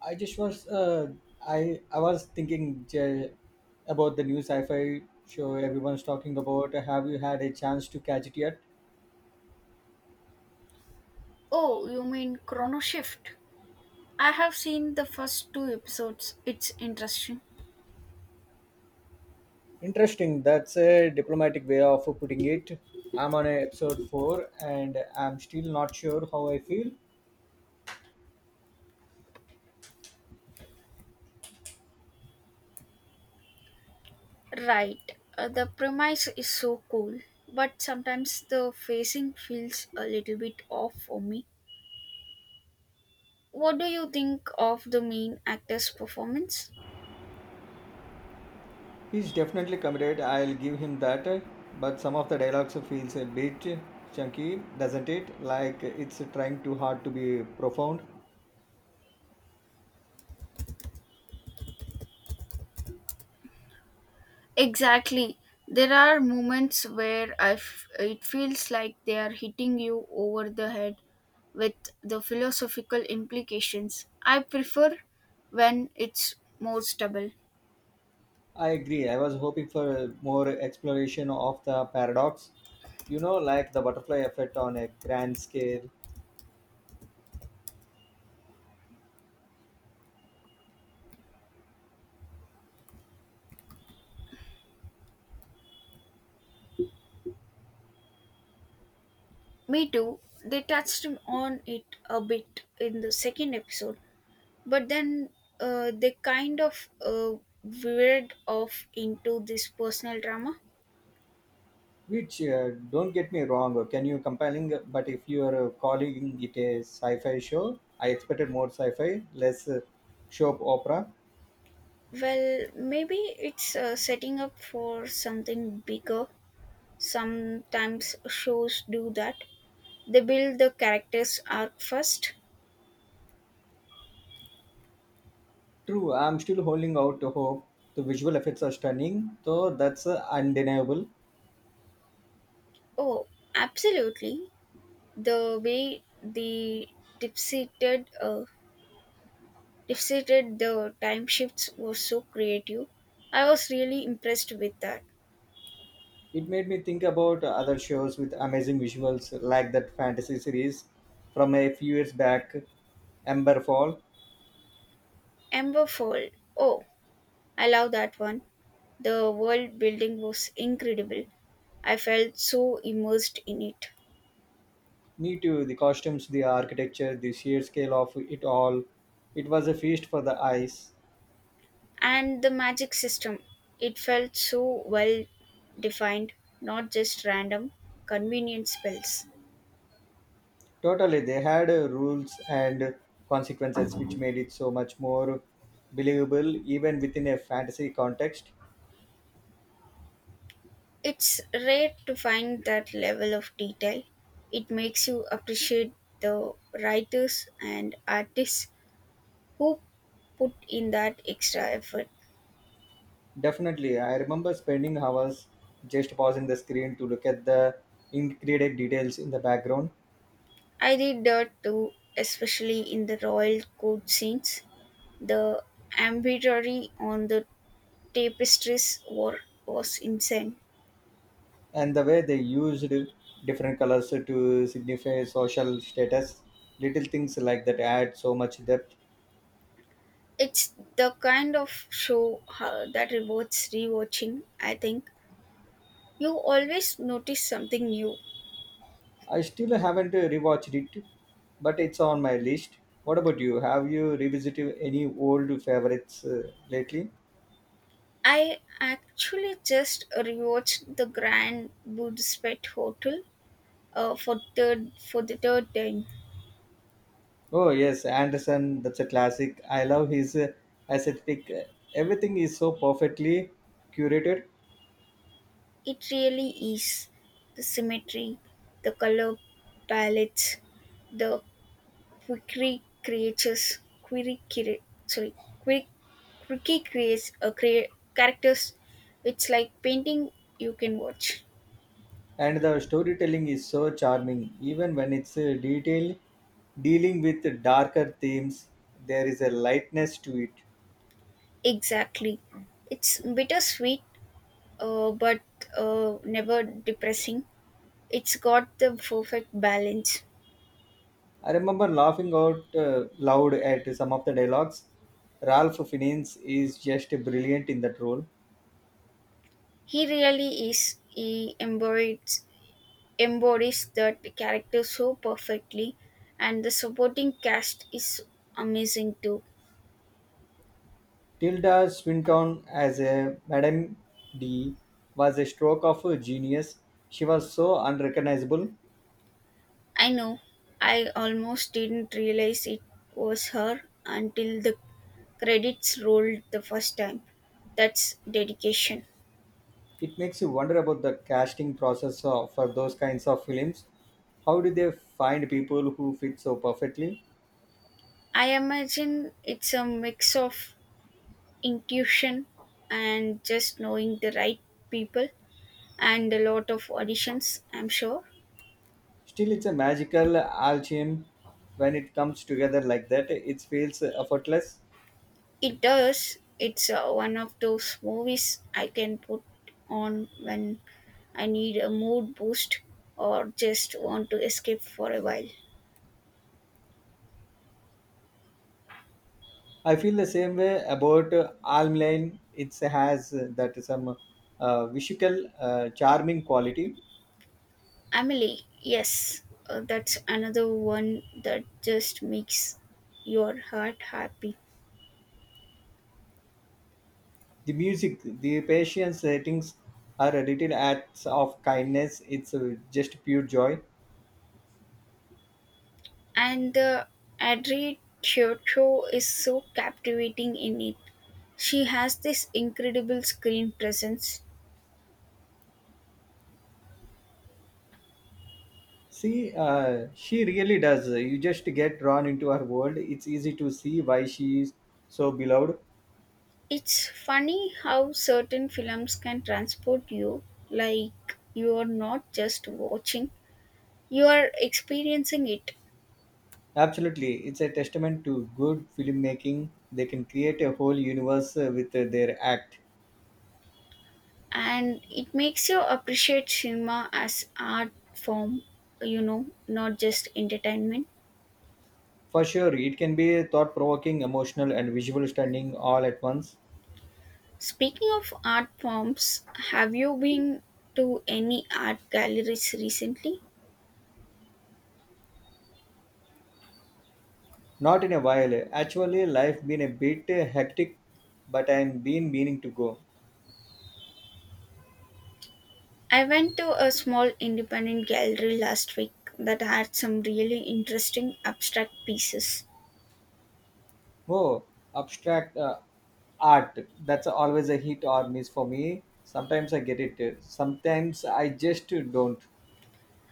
I just was uh, I was thinking, Jay, about the new sci-fi show everyone's talking about. Have you had a chance to catch it yet? Oh, you mean Chrono Shift? I have seen the first two episodes. It's interesting. Interesting. That's a diplomatic way of putting it. I'm on a episode four, and I'm still not sure how I feel. Right. The premise is so cool, but sometimes the facing feels a little bit off for me. What do you think of the main actor's performance? He's definitely committed. I'll give him that. But some of the dialogues feels a bit chunky, doesn't it? Like it's trying too hard to be profound. Exactly. There are moments where it feels like they are hitting you over the head with the philosophical implications. I prefer when it's more stable. I agree. I was hoping for more exploration of the paradox, like the butterfly effect on a grand scale. Me too. They touched on it a bit in the second episode, but then they kind of veered off into this personal drama. Which, don't get me wrong, can you compelling, but if you are calling it a sci fi show, I expected more sci fi, less soap opera. Well, maybe it's setting up for something bigger. Sometimes shows do that. They build the character's arc first. True, I'm still holding out hope. The visual effects are stunning, though that's undeniable. Oh, absolutely. The way the deep-seated defeated the time shifts was so creative. I was really impressed with that. It made me think about other shows with amazing visuals, like that fantasy series from a few years back, Emberfall. Amberfold. Oh, I love that one. The world building was incredible. I felt so immersed in it. Me too. The costumes, the architecture, the sheer scale of it all. It was a feast for the eyes. And the magic system. It felt so well defined, not just random, convenient spells. Totally, they had rules and consequences, which made it so much more believable even within a fantasy context. It's rare to find that level of detail. It makes you appreciate the writers and artists who put in that extra effort. Definitely, I remember spending hours just pausing the screen to look at the intricate details in the background, I did that too, especially in the royal court scenes. The embroidery on the tapestries were, was insane. and the way they used different colors to signify social status. Little things like that add so much depth. It's the kind of show that rewards rewatching, I think. You always notice something new. I still haven't rewatched it, but it's on my list. What about you? Have you revisited any old favorites lately? I actually just rewatched the Grand Budapest Hotel for the third time. Oh, yes, Anderson, that's a classic. I love his aesthetic. Everything is so perfectly curated, It really is. The symmetry, the color palettes, the quirky creatures, quirky, crea- sorry, quirky, quirky characters. It's like painting you can watch. and the storytelling is so charming. Even when it's detailed, dealing with darker themes, there is a lightness to it. Exactly. It's bittersweet, but never depressing. It's got the perfect balance. I remember laughing out loud at some of the dialogues. Ralph Fiennes is just brilliant in that role. He really is. He embodies that character so perfectly, and the supporting cast is amazing too. Tilda Swinton as a Madame D was a stroke of a genius. She was so unrecognizable. I know I almost didn't realize it was her until the credits rolled the first time. That's dedication. It makes you wonder about the casting process for those kinds of films. How do they find people who fit so perfectly? I imagine it's a mix of intuition and just knowing the right people and a lot of auditions, I'm sure. Still, it's a magical alchemy when it comes together like that. It feels effortless. It does. It's one of those movies I can put on when I need a mood boost or just want to escape for a while. I feel the same way about Alm. It has that some visual charming quality. Emily, yes, that's another one that just makes your heart happy. The music, the patience ratings are little acts of kindness. It's just pure joy. And the Adri Chiocho is so captivating in it. She has this incredible screen presence. See, she really does. You just get drawn into her world. It's easy to see why she is so beloved. It's funny how certain films can transport you, like you are not just watching, you are experiencing it. Absolutely, it's a testament to good filmmaking. They can create a whole universe with their act. And it makes you appreciate cinema as art form, you know, not just entertainment. For sure, it can be thought provoking, emotional, and visual stunning all at once. Speaking of art forms, have you been to any art galleries recently? Not in a while. Actually, life been a bit hectic, but I'm been meaning to go. I went to a small independent gallery last week that had some really interesting abstract pieces. Oh, abstract art. That's always a hit or miss for me. Sometimes I get it. Sometimes I just don't.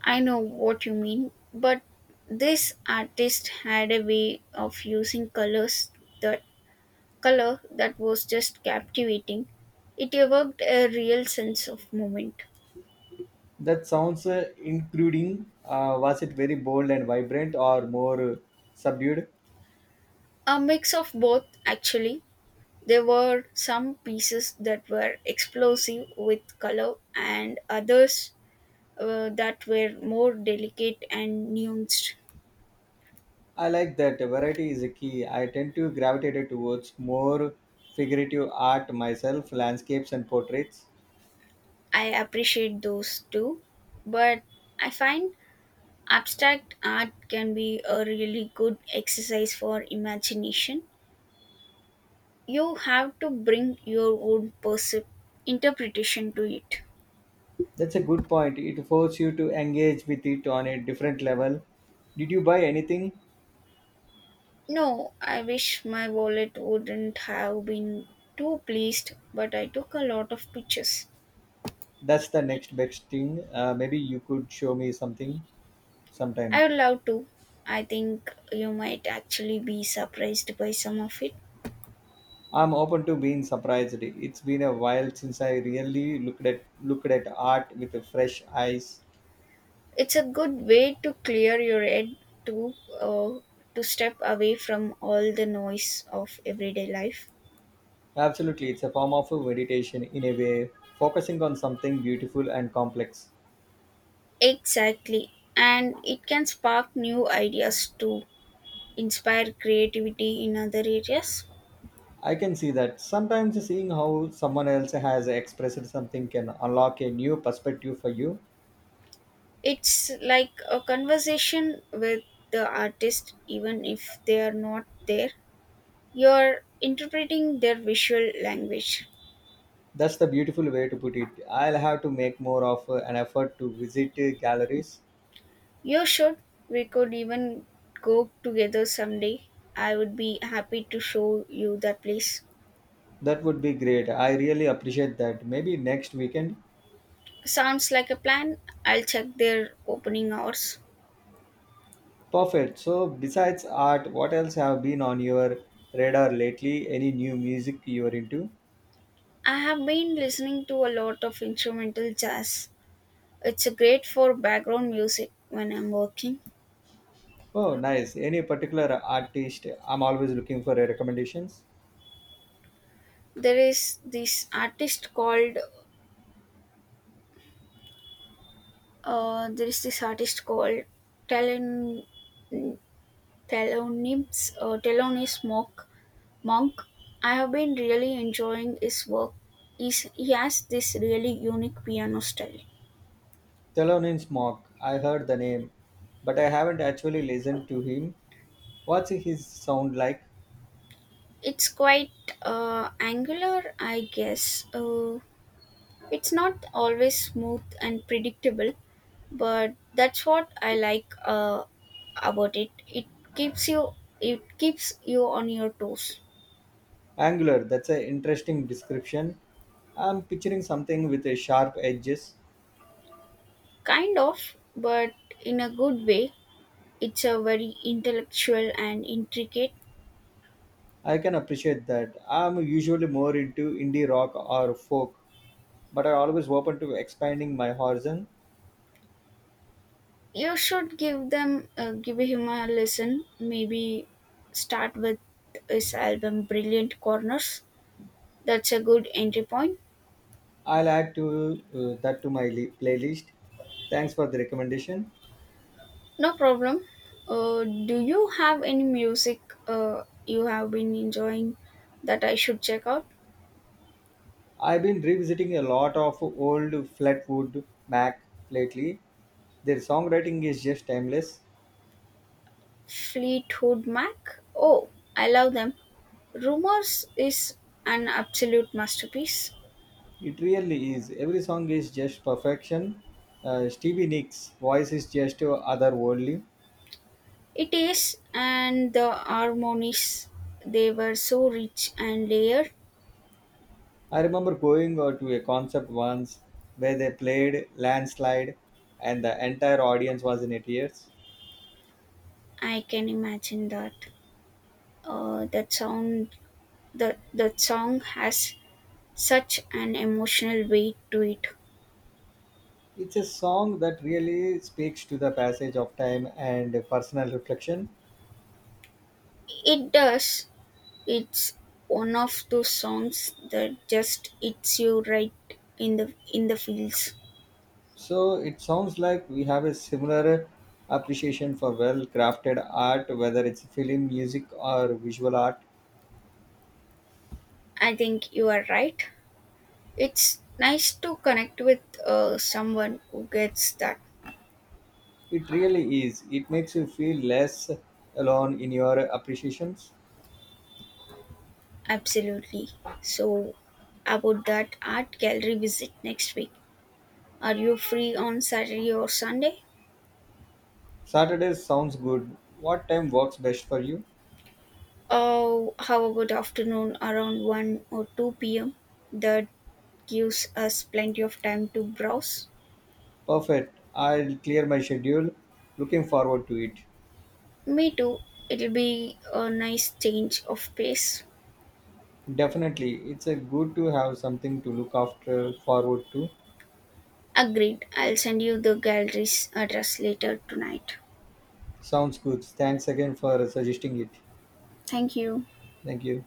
I know what you mean, but this artist had a way of using colors that color that was just captivating. It evoked a real sense of moment. That sounds including. Was it very bold and vibrant or more subdued? A mix of both, actually. There were some pieces that were explosive with color and others that were more delicate and nuanced. I like that variety is a key. I tend to gravitate towards more figurative art myself, landscapes and portraits. I appreciate those too, but I find abstract art can be a really good exercise for imagination. You have to bring your own interpretation to it. That's a good point. It forces you to engage with it on a different level. Did you buy anything? No, I wish. My wallet wouldn't have been too pleased, but I took a lot of pictures. That's the next best thing. Maybe you could show me something I sometime. would love to. I think you might actually be surprised by some of it. I'm open to being surprised. It's been a while since I really looked at art with a fresh eyes. It's a good way to clear your head, to uh, to step away from all the noise of everyday life. Absolutely, it's a form of meditation in a way, focusing on something beautiful and complex. Exactly. And it can spark new ideas to inspire creativity in other areas. I can see that. Sometimes seeing how someone else has expressed something can unlock a new perspective for you. It's like a conversation with the artist, even if they are not there. You're interpreting their visual language. That's the beautiful way to put it. I'll have to make more of an effort to visit galleries. You should. We could even go together someday. I would be happy to show you that place. That would be great. I really appreciate that. Maybe next weekend. Sounds like a plan. I'll check their opening hours. Perfect. So, besides art, what else have been on your radar lately? Any new music you're into? I have been listening to a lot of instrumental jazz. It's great for background music when I'm working. Oh, nice. Any particular artist? I'm always looking for recommendations. There is this artist called there is this artist called Talon Thelonious Thelonious Monk. Monk. I have been really enjoying his work. He has this really unique piano style. Thelonious Monk, I heard the name, but I haven't actually listened to him. What's his sound like? It's quite angular, I guess. It's not always smooth and predictable, but that's what I like about it it keeps you It keeps you on your toes, Angular, that's an interesting description. I'm picturing something with a sharp edges. kind of, but in a good way. It's a very intellectual and intricate. I can appreciate that. I'm usually more into indie rock or folk, but I'm always open to expanding my horizon. You should give him a listen. Maybe start with his album Brilliant Corners. That's a good entry point. I'll add to that to my playlist. Thanks for the recommendation. No problem. Do you have any music you have been enjoying that I should check out? I've been revisiting a lot of old Flatwood Mac lately. Their songwriting is just timeless. Fleetwood Mac? Oh, I love them. Rumours is an absolute masterpiece. It really is. Every song is just perfection. Stevie Nicks' voice is just otherworldly. It is, and the harmonies, they were so rich and layered. I remember going to a concert once where they played Landslide, and the entire audience was in tears. I can imagine that. Uh, that sound, the that song has such an emotional weight to it. It's a song that really speaks to the passage of time and personal reflection. It does. It's one of those songs that just hits you right in the feels. So it sounds like we have a similar appreciation for well crafted art, whether it's film, music, or visual art. I think you are right. It's nice to connect with someone who gets that. It really is. It makes you feel less alone in your appreciations. Absolutely. So, about that art gallery visit next week. Are you free on Saturday or Sunday? Saturday sounds good. What time works best for you? Oh, how about afternoon around 1 or 2 p.m.? That gives us plenty of time to browse. Perfect. I'll clear my schedule. Looking forward to it. Me too. It'll be a nice change of pace. Definitely. It's a good to have something to look after forward to. Agreed. I'll send you the gallery's address later tonight. Sounds good. Thanks again for suggesting it. Thank you. Thank you.